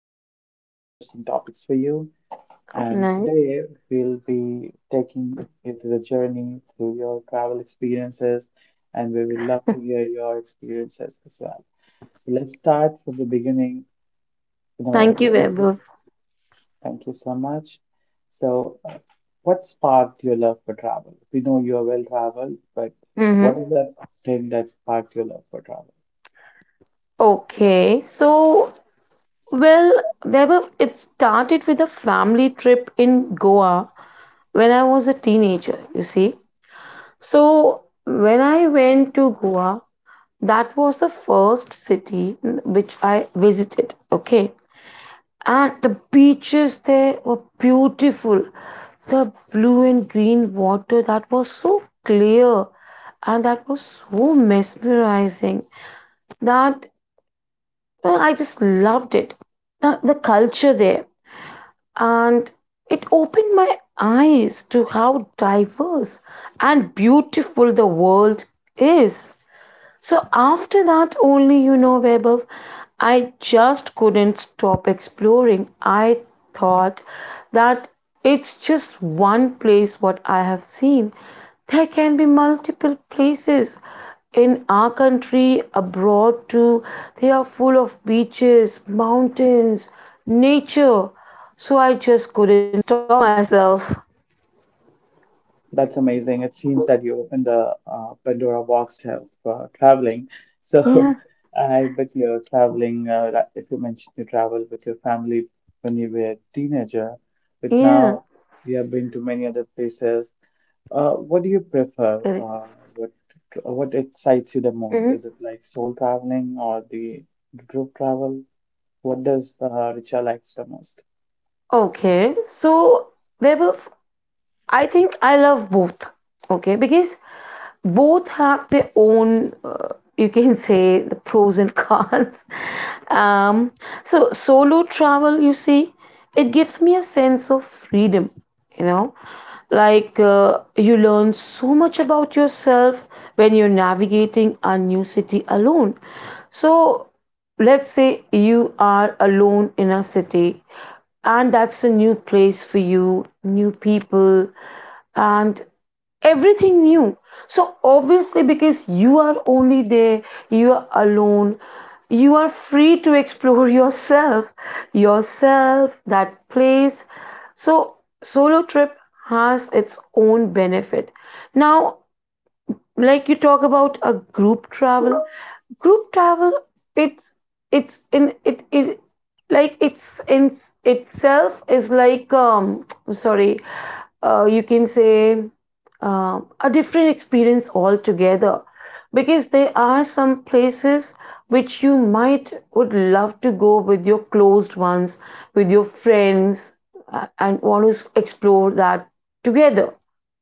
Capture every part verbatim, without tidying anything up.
some very interesting topics for you. Oh, And nice. today we'll be taking you through the journey, through your travel experiences, and we would love to hear your experiences as well. So let's start from the beginning. You know, Thank you, when Vaibhav. thank you so much. So, uh, what sparked your love for travel? We know you are well traveled, but Mm-hmm. what is that thing that sparked your love for travel? Okay. So, well, Vaibhav, it started with a family trip in Goa when I was a teenager, you see. So, when I went to Goa, that was the first city which I visited. Okay. and the beaches there were beautiful. The blue and green water that was so clear and that was so mesmerizing that uh, I just loved it. Uh, the culture there, and it opened my eyes to how diverse and beautiful the world is. So after that, only, you know, Vaibhav, I just couldn't stop exploring. I thought that it's just one place what I have seen. There can be multiple places in our country, abroad too. They are full of beaches, mountains, nature. So I just couldn't stop myself. That's amazing. It seems that you opened the uh, Pandora box of uh, traveling. Yeah, So, I bet you're traveling, uh, that- if you mentioned you travel with your family when you were a teenager, but yeah, now you have been to many other places. Uh, what do you prefer? correct. Uh, what what excites you the most? Mhm. Is it like soul traveling or the group travel? What does uh, Richa likes the most? Okay, so Vaibhav, I think I love both. Okay, because both have their own, uh, you can say, the pros and cons. um, so solo travel, you see, it gives me a sense of freedom, you know like uh, you learn so much about yourself when you're navigating a new city alone. So let's say you are alone in a city, and that's a new place for you, new people, and everything new. So obviously, because you are only there, you are alone, you are free to explore yourself, yourself that place. So solo trip has its own benefit. Now, like, you talk about a group travel. Group travel, it's it's in it it like it's in itself is like, um sorry uh, you can say, um a different experience altogether. Because there are some places which you might would love to go with your closed ones, with your friends, uh, and want to explore that together.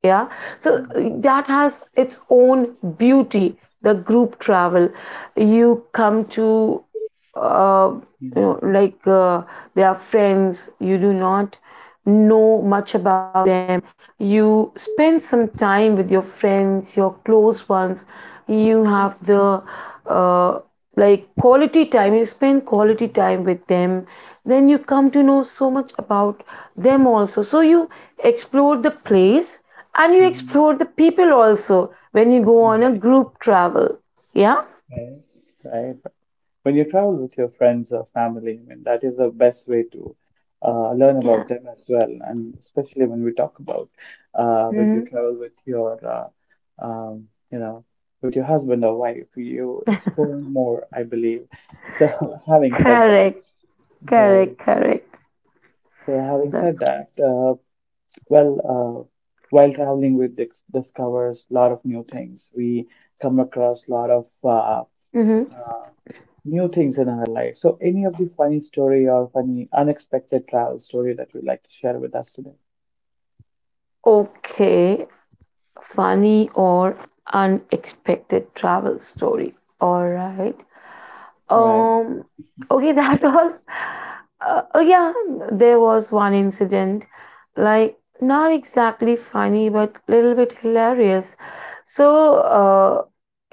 Yeah. So, uh, Mm, that has its own beauty, the group travel. You come to, uh, you mm, know like uh, they are friends, you do not know much about them. You spend some time with your friends, your close ones. You have the, uh, like, quality time. You spend quality mm, time with them. Then you come to know so much about them also. So you explore the place, and you mm. explore the people also when you go on a Right, group travel. Yeah, right. Right. When you travel with your friends or family, I mean, that is the best way to uh, learn yeah. about them as well. And especially when we talk about uh, when you Hmm. travel with your, uh, um, you know, with your husband or wife, you explore more, I believe. So, having said that, Correct, right? correct, correct. So, having That's— said that, uh, well, uh, while traveling, we dis- discovers a lot of new things. We come across a lot of uh, Mm-hmm. new things in our life. So, any of the funny story or funny unexpected travel story that you'd like to share with us today? Okay. Funny or unexpected travel story. All right. Right. Um, okay, that was, uh, oh yeah, there was one incident, like not exactly funny, but little bit hilarious. So, uh,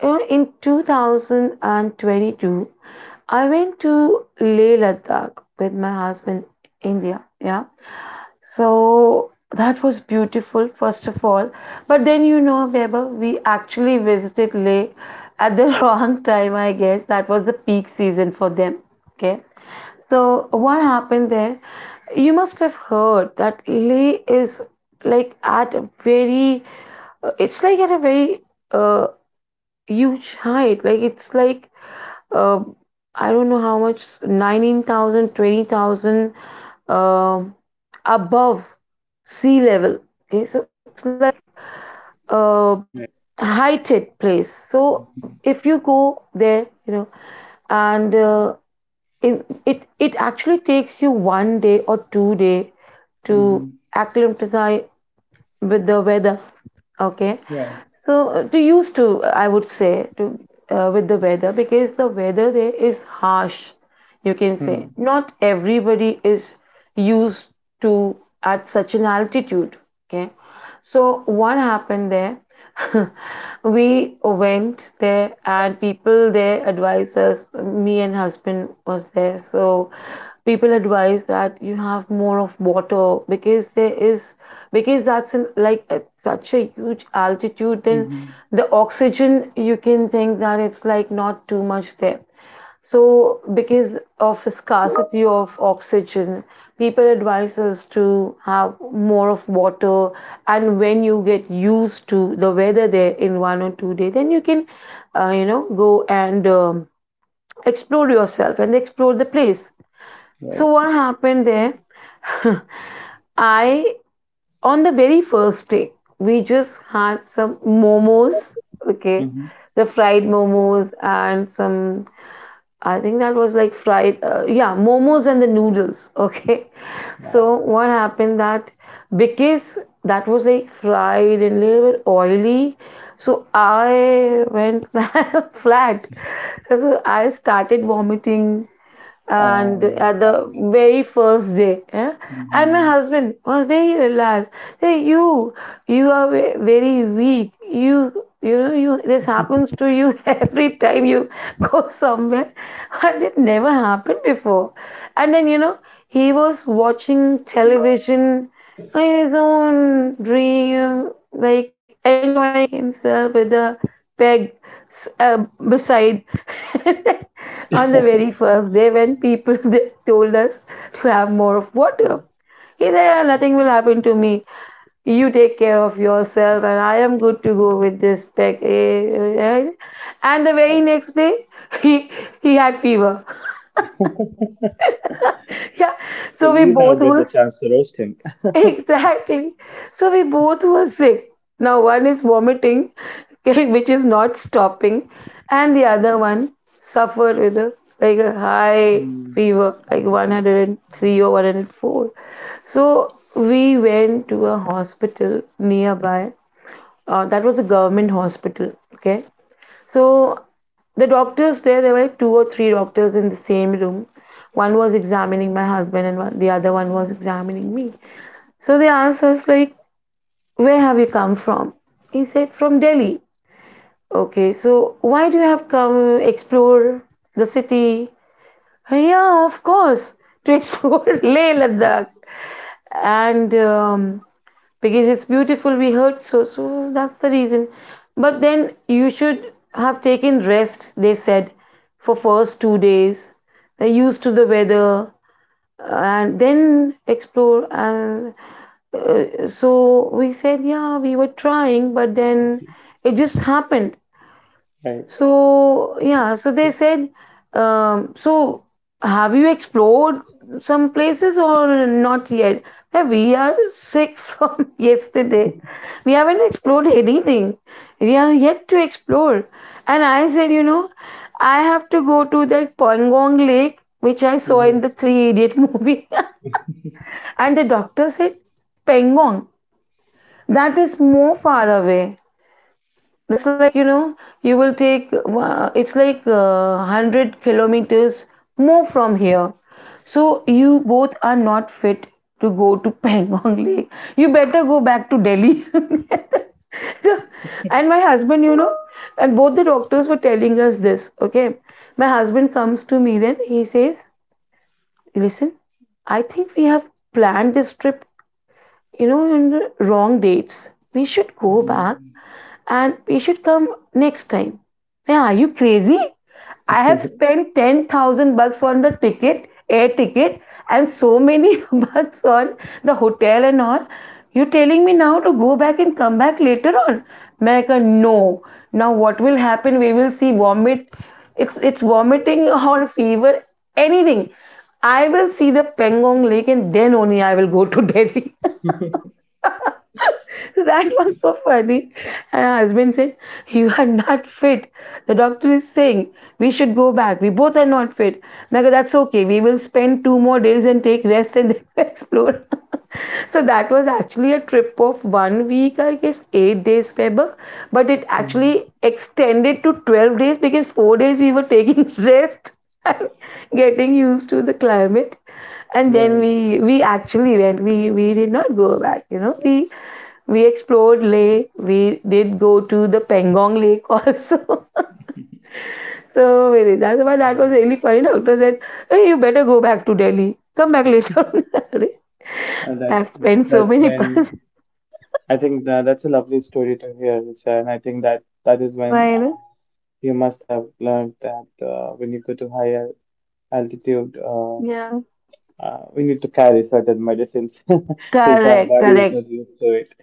you know, in twenty twenty-two, I went to Leh Ladakh with my husband. India. Yeah. So that was beautiful, first of all. But then, you know, Weber, we actually visited Leh at the wrong time, I guess. That was the peak season for them. Okay. So, what happened there? You must have heard that Leh is like at a very, uh, it's like at a very uh, huge height. Like, it's like, uh, I don't know how much, nineteen thousand twenty thousand, uh, above sea level. Okay, so it's like a Right. high tech place. So Mm-hmm. if you go there, you know, and uh, in, it it actually takes you one day or two day to Mm-hmm. acclimatize with the weather. Okay, Right. so, uh, to used to, I would say, to, uh, with the weather, because the weather there is harsh. You can Mm-hmm. say not everybody is used to at such an altitude. Okay, so what happened there? We went there and people there advised us. Me and husband was there, so people advise that you have more of water, because there is, because that's an like at such a huge altitude. Then Mm-hmm. the oxygen, you can think that it's like not too much there. So, because of a scarcity of oxygen, people advise us to have more of water. And when you get used to the weather there in one or two days, then you can, uh, you know, go and, um, explore yourself and explore the place. So, Right. what happened there? I, on the very first day, we just had some momos. Okay, Mm-hmm. the fried momos and some, I think that was like fried, uh, yeah, momos and the noodles. Okay. Wow. So what happened that because that was like fried and little bit oily, so I went flat. So I started vomiting, and Um. at the That, very first day, yeah? And my mm-hmm. husband was very relaxed. Hey, you you are ve- very weak. You you know you this happens to you every time you go somewhere. And it never happened before. And then, you know he was watching television in his own dream, like enjoying himself with a peg, s- uh, beside. On the very first day when people they told us to have more of water. He said, "Ah, nothing will happen to me. You take care of yourself, and I am good to go with this pack. Eh, eh, eh." And the very next day, he he had fever. Yeah, So so we you now both get the was— chance to roast him. Exactly. So we both were sick. Now one is vomiting, which is not stopping, and the other one suffered with a, like a high Mm, fever, like I'll one hundred three or one hundred four. So we went to a hospital nearby. Uh, that was a government hospital. Okay. So the doctors there, there were two or three doctors in the same room. One was examining my husband, and one, the other one was examining me. So they asked us, like, where have you come from? He said, from Delhi. Okay, so why do you have come explore the city? Yeah, of course, to explore Leh Ladakh. And, um, because it's beautiful, we heard so, so that's the reason. But then you should have taken rest, they said, for first two days. They're used to the weather, uh, and then explore. And Uh, so we said, yeah, we were trying, but then it just happened. right. So, yeah, so they Mhm. said, um, so, have you explored some places or not yet? Yeah, we are sick from yesterday. We haven't explored anything. We are yet to explore. And I said, you know, I have to go to that Pangong Lake, which I saw in the Three Idiot movie. And the doctor said, Pangong, that is more far away. That's like, you know you will take, uh, it's like, uh, a hundred kilometers more from here. So you both are not fit to go to Pangong Lake. You better go back to Delhi. So- and my husband, you know and both the doctors were telling us this. Okay, my husband comes to me, then he says, listen, I think we have planned this trip, you know in the wrong dates. We should go Mm, back, and you should come next time. Yeah, are you crazy? I have spent ten thousand bucks on the ticket, air ticket, and so many bucks on the hotel and all. You're telling me now to go back and come back later on? America, no. Now what will happen? We will see vomit. It's it's vomiting or fever, anything. I will see the Pangong Lake and then only I will go to Delhi. That was so funny. And her husband said, you are not fit. The doctor is saying we should go back. We both are not fit. And I go, that's okay. We will spend two more days and take rest and then explore. So that was actually a trip of one week, I guess, eight days, Weber. But it actually mhm. extended to twelve days because four days we were taking rest and getting used to the climate. And then Right. we we actually went, we we did not go back, you know we we explored Leh. We did go to the Pangong Lake also. So really, that's why that was really Mm-hmm. funny. Doctor said, "Hey, you better go back to Delhi. Come back later." Arre, Uh, I've that spent so that's many bucks. when I think that, that's a lovely story to hear, Richa, and I think that that is when Why na? uh, you must have learned that uh, when you go to higher altitude, uh, Yeah. uh, we need to carry certain medicines since our Correct. body is Correct. not used to it.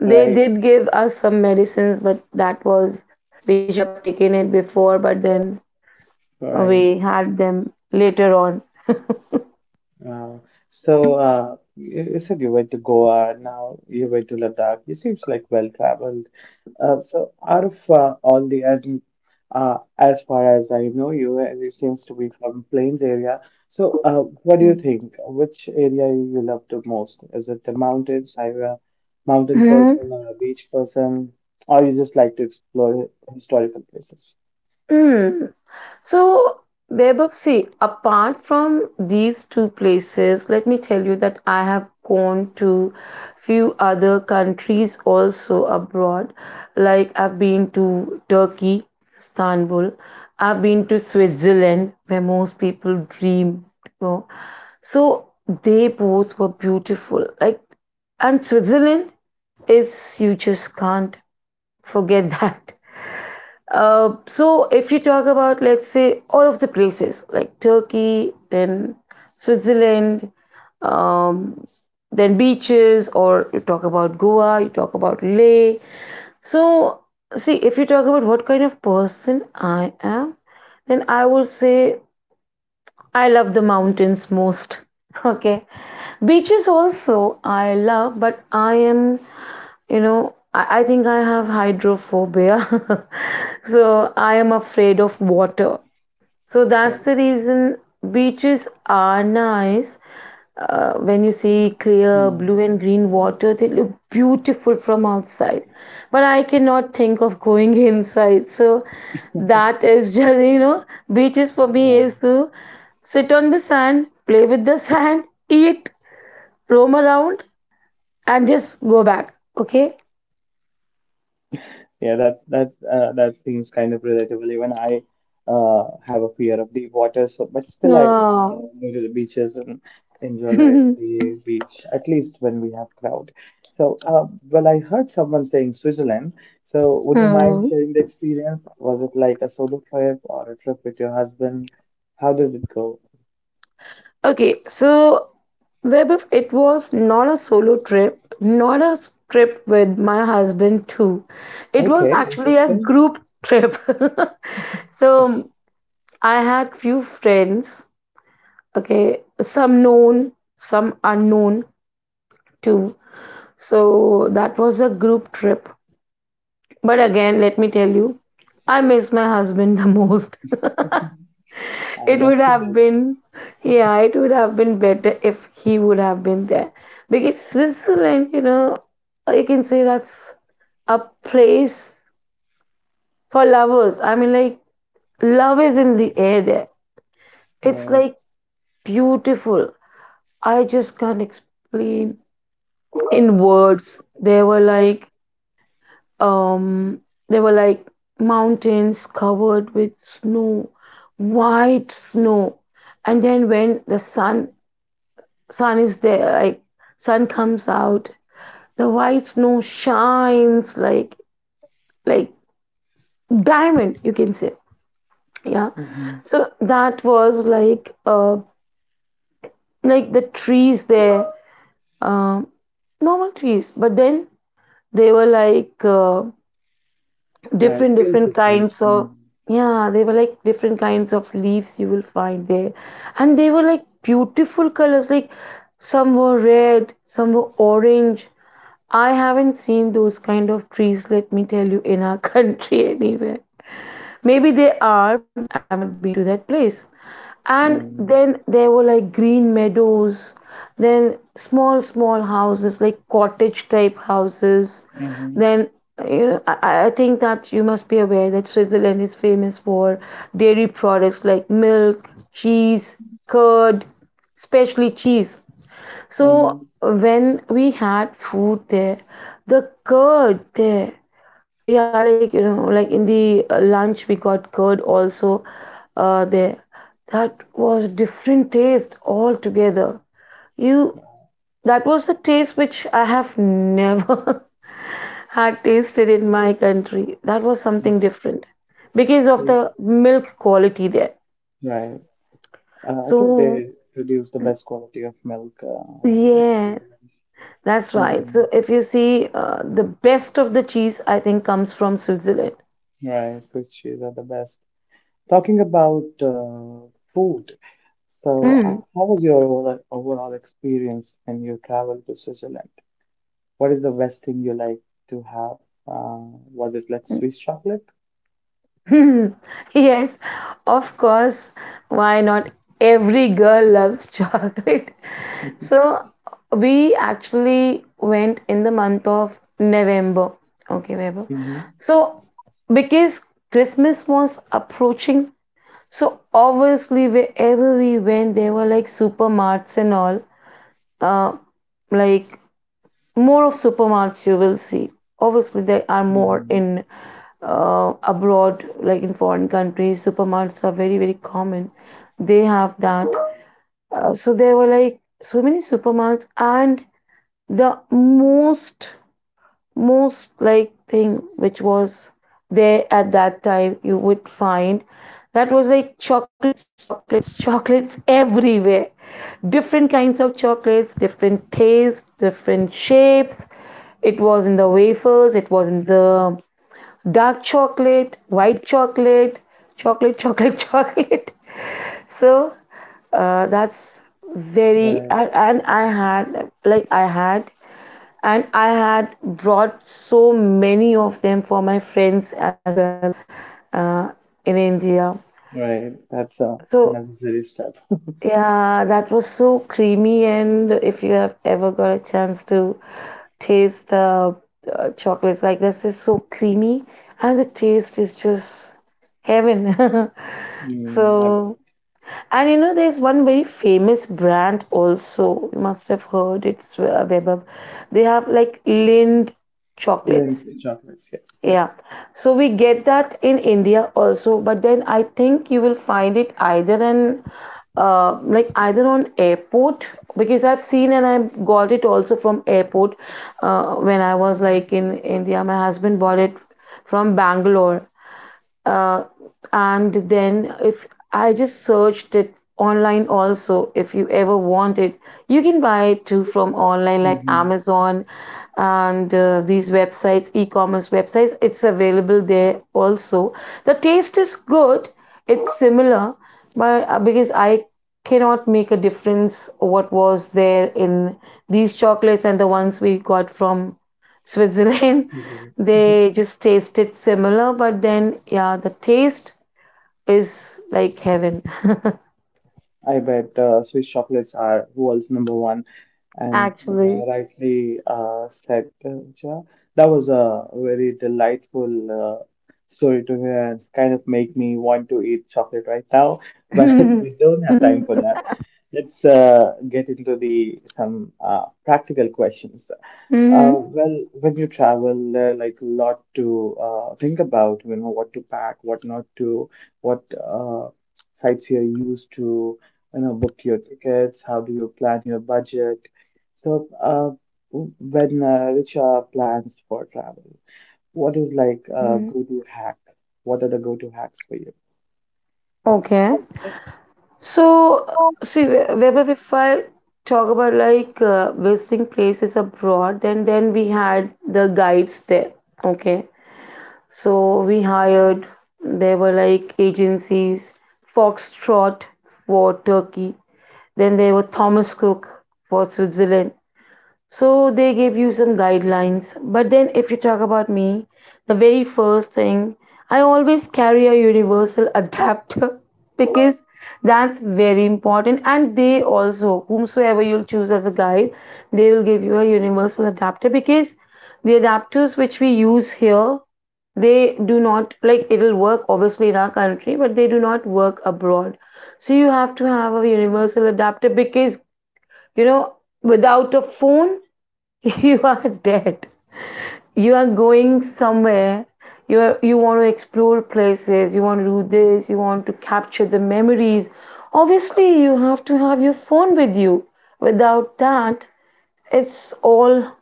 They Right, did give us some medicines, but that was we should have taken it before. But then right. we had them later on. Uh, so uh, you you said you went to Goa, now you went to Ladakh. You seems like well traveled. Uh, so out of uh, all the, I think, uh, as far as I know you, and you seems to be from Plains area. So uh, what do Hmm. you think? Which area you love the most? Is it the mountains? Are you a mountain Hmm. person or a beach person? Or you just like to explore historical places? Hmm. So, Vaibhav, see, apart from these two places, let me tell you that I have gone to few other countries also abroad. Like I've been to Turkey, Istanbul. I've been to Switzerland, where most people dream to go. So they both were beautiful. Like, and Switzerland is, you just can't forget that. Uh, so if you talk about, let's say, all of the places, like Turkey, then Switzerland, um, then beaches, or you talk about Goa, you talk about Leh. So see, if you talk about what kind of person I am, then I would say I love the mountains most. Okay, beaches also I love, but I am, you know, I, I think I have hydrophobia. So I am afraid of water. So that's Right. the reason beaches are nice. Uh, when you see clear Hmm. blue and green water, they look beautiful from outside. But I cannot think of going inside. So that is just, you know, beaches for me Yeah. is to sit on the sand, play with the sand, eat, roam around, and just go back. Okay? Yeah, that's that's uh, that seems kind of relatable. Even I uh, have a fear of deep water, so but still I Yeah. uh, go to the beaches and enjoy the beach at least when we have crowd. So, uh, well, I heard someone saying Switzerland. So, would you mind Hmm. sharing the experience? Was it like a solo trip or a trip with your husband? How did it go? Okay, so Web, of- it was not a solo trip, not a s- trip with my husband too. It was Okay, actually a interesting. group trip. So I had few friends, okay, some known, some unknown too. So that was a group trip. But again, let me tell you, I miss my husband the most. I It would bet you have did. been, yeah, it would have been better if he would have been there. Because Switzerland, you know, you can say that's a place for lovers. I mean, like, love is in the air there. It's Well, like beautiful. I just can't explain in words. There were like, um, there were like mountains covered with snow, white snow. And then when the sun sun is there, like sun comes out, the white snow shines like like diamond, you can say, yeah. hmm, So that was like uh like the trees there, um normal trees, but then they were like uh, yeah, it different feels different different. kinds of, yeah, they were like different kinds of leaves you will find there. And they were like beautiful colors, like some were red, some were orange. I haven't seen those kind of trees, let me tell you, in our country anywhere. Maybe they are, but I've not been to that place. And Mm-hmm. then there were like green meadows, then small, small houses, like cottage type houses. Mm-hmm. Then, you know, I, I think that you must be aware that Switzerland is famous for dairy products like milk, cheese, curd, especially cheese. So Mm-hmm. when we had food there, the curd there, we had like, you know, like in the uh, lunch we got curd also uh, there. That was different taste altogether. You That was the taste which I have never had tasted in my country. That was something different because of See, the milk quality there. right. Uh, I think So they produce the best quality of milk uh, in yeah, Switzerland. that's right. Mm, So if you see, uh, the best of the cheese, I think, comes from Switzerland. right, Swiss cheese are the best. Talking about uh, food, so uh, Mm. how was your overall, overall experience when you traveled to Switzerland? What is the best thing you like to have? Uh, was it like Swiss chocolate? Yes, of course. Why not? Every girl loves chocolate. So we actually went in the month of November. Okay, November. Mm-hmm. So because Christmas was approaching, so obviously wherever we went, there were like supermarts and all. Uh, like more of supermarkets you will see, obviously they are more Mm, in uh, abroad, like in foreign countries supermarkets are very very common, they have that. Uh, so there were like so many supermarkets, and the most most like thing which was there at that time you would find, that was like chocolates, chocolates, chocolates everywhere. Different kinds of chocolates, different tastes, different shapes. It was in the wafers, it was in the dark chocolate, white chocolate, chocolate, chocolate, chocolate. So uh, that's very, right, and, and I had like I had and I had brought so many of them for my friends as well, uh, in India. right. That's a So necessary step. yeah, that was so creamy. And if you have ever got a chance to taste the uh, chocolates like this, is so creamy, and the taste is just heaven. Mm, I bet. So, and you know, there's one very famous brand also. You must have heard it's uh, Vaibhav. They have like Lind chocolates. Lindt chocolates, yes, Yeah, yes. so we get that in India also, but then I think you will find it either in uh, like either on airport, because I've seen and I got it also from airport uh, when I was like in India. My husband bought it from Bangalore, uh, and then if I just searched it online also, if you ever want it, you can buy it too from online like Mhm. Amazon. And uh, these websites, e-commerce websites, it's available there also. The taste is good, it's similar, but uh, because I cannot make a difference what was there in these chocolates and the ones we got from Switzerland, Mhm. they just tasted similar, but then yeah, the taste is like heaven. I bet uh, Swiss chocolates are world's number one, and Actually. uh, rightly uh, said, uh, Jha. That was a very delightful uh, story to hear, and it's kind of make me want to eat chocolate right now, but we don't have time for that. Let's uh, get into the some uh, practical questions. Uh, Mhm. Well, when you travel, there are like a lot to uh, think about, you know, what to pack, what not to, what uh, sites you're used to, you know, book your tickets, how do you plan your budget. So, uh, w- when uh, Richa plans for travel, what is like a Mhm. go-to hack? What are the go-to hacks for you? Okay, so uh, see, wh- wherever, if I talk about like uh, visiting places abroad, then then we had the guides there. Okay, so we hired, there were like agencies, Foxtrot for Turkey, then there were Thomas Cook for Switzerland. So they gave you some guidelines. But then, if you talk about me, the very first thing, I always carry a universal adapter, because that's very important. And they also, whomsoever you'll choose as a guide, they will give you a universal adapter, because the adapters which we use here, they do not, like it'll work obviously in our country, but they do not work abroad. So you have to have a universal adapter, because you know, without a phone, you are dead. You are going somewhere, you are, you want to explore places, you want to do this, you want to capture the memories, obviously you have to have your phone with you. Without that, it's all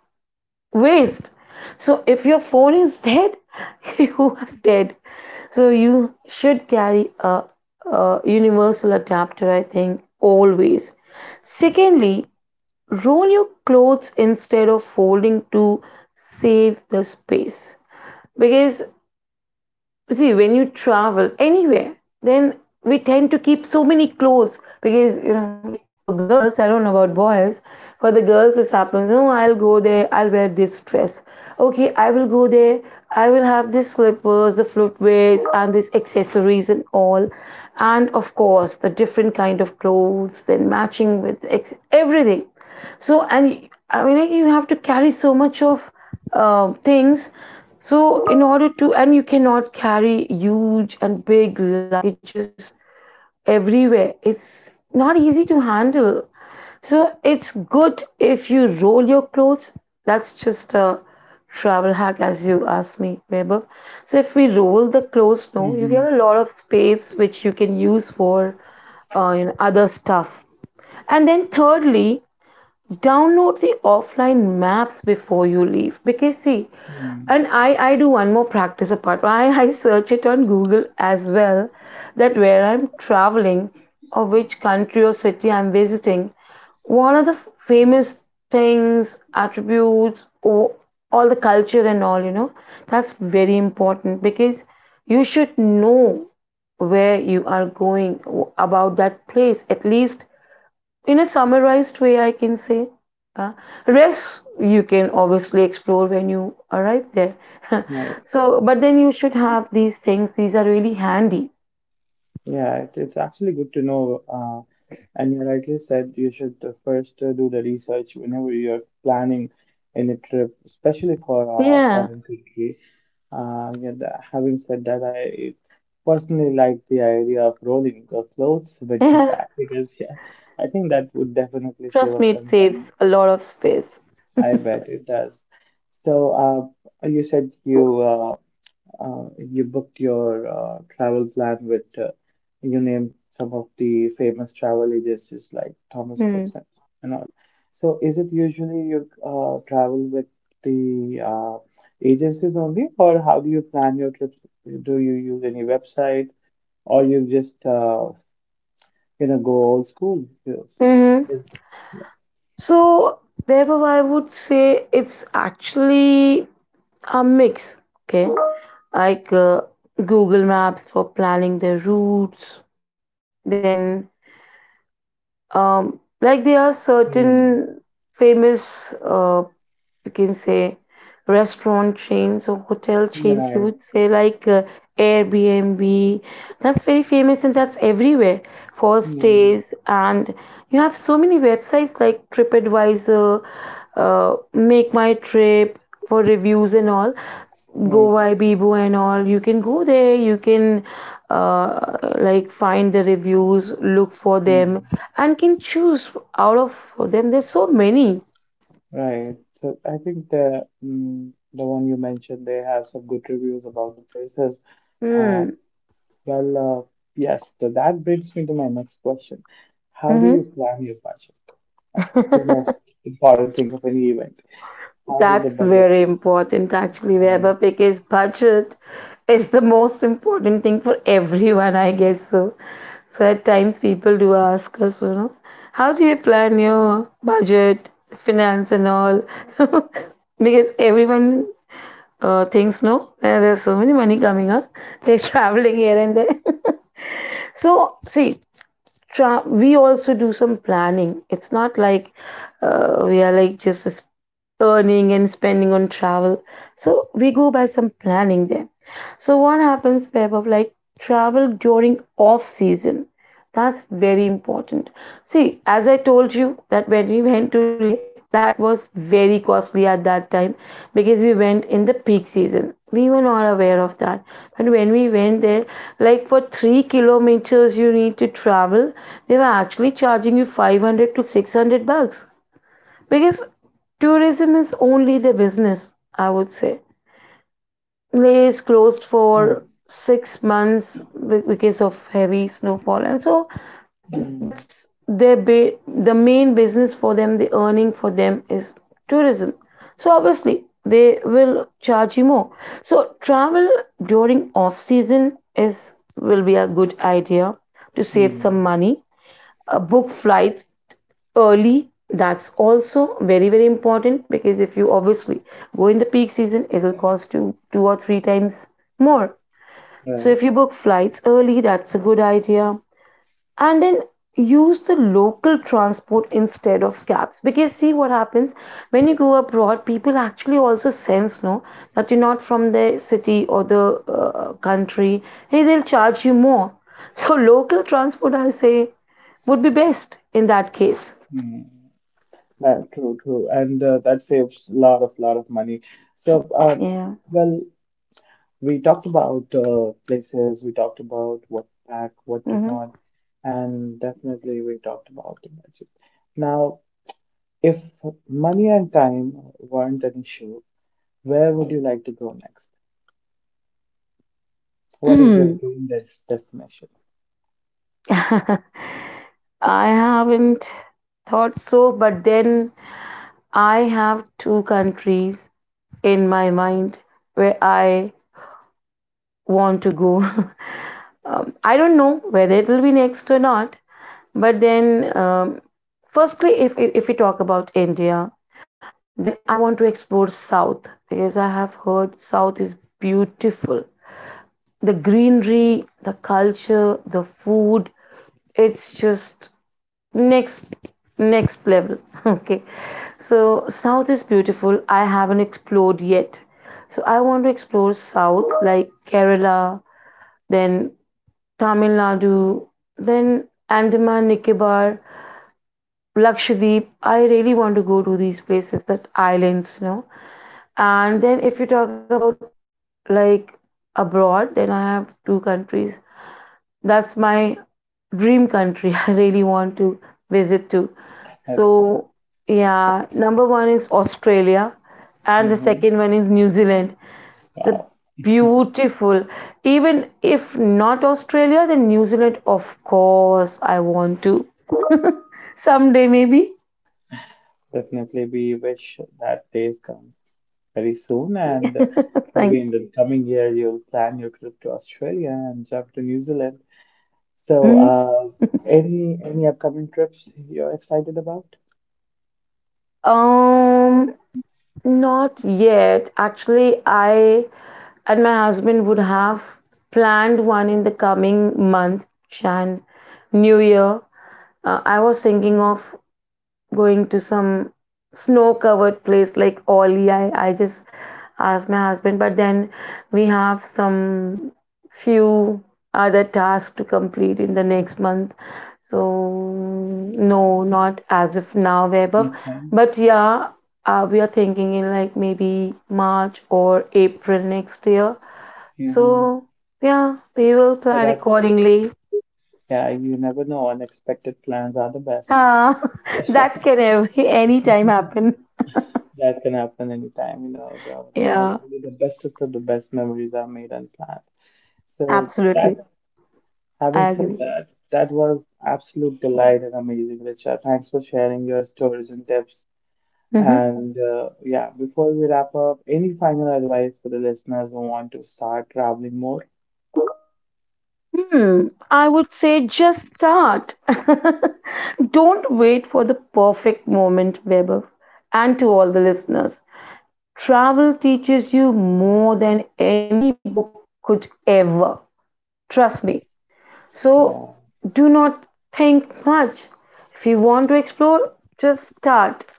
waste. So if your phone is dead, you are dead. So you should carry a, a universal adapter, I think, always. Secondly, roll your clothes instead of folding to save the space, because see, when you travel anywhere, then we tend to keep so many clothes because, you know, like for girls, I don't know about boys, for the girls this happens, oh I'll go there, I'll wear this dress, okay, I will go there, I will have these slippers, the footwears, and these accessories and all. And of course the different kind of clothes, then matching with ex- everything. So, and I mean, like, you have to carry so much of uh, things. So, in order to, and you cannot carry huge and big luggages everywhere. It's not easy to handle. So, it's good if you roll your clothes. That's just a travel hack, as you asked me, Weber. So, if we roll the clothes, no, you get a lot of space which you can use for uh, you know, other stuff. And then, thirdly, download the offline maps before you leave, because see, Mm-hmm. and i i do one more practice apart, i i search it on Google as well, that where I'm traveling or which country or city I'm visiting, what are the famous things, attributes, or all the culture and all, you know, that's very important because you should know where you are going, about that place at least, in a summarized way, I can say. uh, Rest you can obviously explore when you arrive there. So, but then you should have these things, these are really handy. Yeah, it, it's actually good to know. Uh, and you rightly said you should uh, first uh, do the research whenever you're planning any trip, especially for a Yeah, foreign country. Uh, yeah, tha- having said that, I personally like the idea of rolling your clothes when you yeah, pack because yeah, I think that would definitely save trust up me, it some saves time. a lot of space. I bet it does. So, uh, you said you uh, uh, you booked your uh, travel plan with, uh, you named some of the famous travel agencies like Thomas Cooks Hmm. and and all. So is it usually you uh, travel with the uh, agencies only, or how do you plan your trips? Do you use any website, or you just uh, you know go old school? Yes. Hmm. Yes. So, therefore, I would say it's actually a mix. Okay, like uh, Google Maps for planning the routes, then Um, like there are Hmm. certain famous uh, you can say restaurant chains or hotel chains, you Yeah. would say, like uh, Airbnb, that's very famous and that's everywhere, for Hmm. stays. And you have so many websites like TripAdvisor, uh, make my trip for reviews and all, Right. goa bibo and all. You can go there, you can uh, like find the reviews, look for them, Hmm. and can choose out of them, there's so many. Right. So I think the mm, the one you mentioned, they have some good reviews about the places. Uh, Hmm. well, uh, yes. So that brings me to my next question. How do you Mhm. plan your budget? Like the most important thing of any event. How does the That's very budget? important, actually, Right. Vaibhav, because budget is the most important thing for everyone, I guess so. So at times people do ask us, you know, how do you plan your budget, finance, and all? Because everyone uh, thinks, no, there- there's so many money coming up. They're traveling here and there. So see, tra- we also do some planning. It's not like uh, we are like just s- earning and spending on travel. So we go by some planning there. So what happens, Web, of like travel during off season? That's very important. See, as I told you that when we went to Leh, that was very costly at that time because we went in the peak season. We were not aware of that. But when we went there, like for three kilometers you need to travel, they were actually charging you five hundred to six hundred bucks, because tourism is only the business, I would say. Leh is closed Right. for six months because of heavy snowfall, and so Mm, that's their ba- the main business for them, the earning for them is tourism, so obviously they will charge you more. So travel during off season is, will be a good idea to save some mm, money. Uh, book flights early, that's also very very important, because if you obviously go in the peak season, it will cost you two or three times more. So if you right. book flights early, that's a good idea. And then use the local transport instead of cabs, because see, what happens when you go abroad, people actually also sense no, that you're not from the city or the uh, country, hey, they'll charge you more. So local transport, I say, would be best in that case. Mm. Right, true, true, and uh, that saves a lot of lot of money. So, uh, Yeah. well. We talked about uh, places, we talked about what to pack, what to Mm-hmm. not, and definitely we talked about the budget. Now, if money and time weren't an issue, where would you like to go next? What is your dream des- destination? I haven't thought so, but then I have two countries in my mind where I want to go. um, I don't know whether it will be next or not. But then, um, firstly, if, if if we talk about India, then I want to explore South, because I have heard South is beautiful. The greenery, the culture, the food, it's just next next level. Okay, so South is beautiful. I haven't explored yet, so I want to explore South like Kerala, then Tamil Nadu, then Andaman, Nicobar, Lakshadweep. I really want to go to these places, that islands, you know. And then if you talk about like abroad, then I have two countries. That's my dream country. I really want to visit too. That's So yeah, number one is Australia, and the hmm, second one is New Zealand. The wow. beautiful, even if not Australia, then New Zealand, of course, I want to, someday maybe. Definitely, we wish that days come very soon, and Thank. maybe in the coming year you'll plan your trip to Australia and travel to New Zealand. So, Mhm. uh, any any upcoming trips you're excited about? um Not yet actually, I and my husband would have planned one in the coming month and new year. uh, I was thinking of going to some snow covered place like Ollie. I, I just asked my husband, but then we have some few other tasks to complete in the next month. So, no, not as of now, Vaibhav. Okay, But yeah, uh, we are thinking in like maybe March or April next year. hmm. So So, yeah, we will plan that's accordingly. yeah, you never know. Unexpected plans are the best. Ah, that can ev- any time happen. That can happen anytime. You know, the, the- all Yeah. only the bestest of the best memories are made unplanned. So Absolutely. that, having I said agree. that, that was absolute delight and amazing, Richa. Thanks for sharing your stories and tips. Hmm. And uh, yeah, before we wrap up, any final advice for the listeners who want to start traveling more? Hmm. I would say just start. Don't wait for the perfect moment, Weber. And to all the listeners, travel teaches you more than any book could ever. Trust me. So Yeah. do not think much. If you want to explore, just start.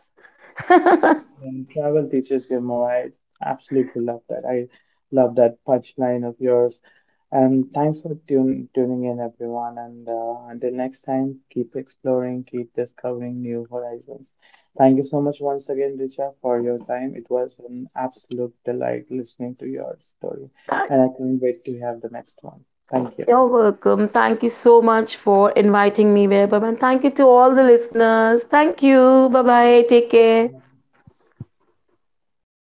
When travel teaches Gilmore, I absolutely love that. I love that punchline of yours. And thanks for tune, tuning in, everyone. And uh, until next time, keep exploring, keep discovering new horizons. Thank you so much once again, Richa, for your time. It was an absolute delight listening to your story. Start. And I can't wait to have the next one. Thank you. You're welcome. Thank you so much for inviting me, Vaibhav. And thank you to all the listeners. Thank you. Bye bye. Take care.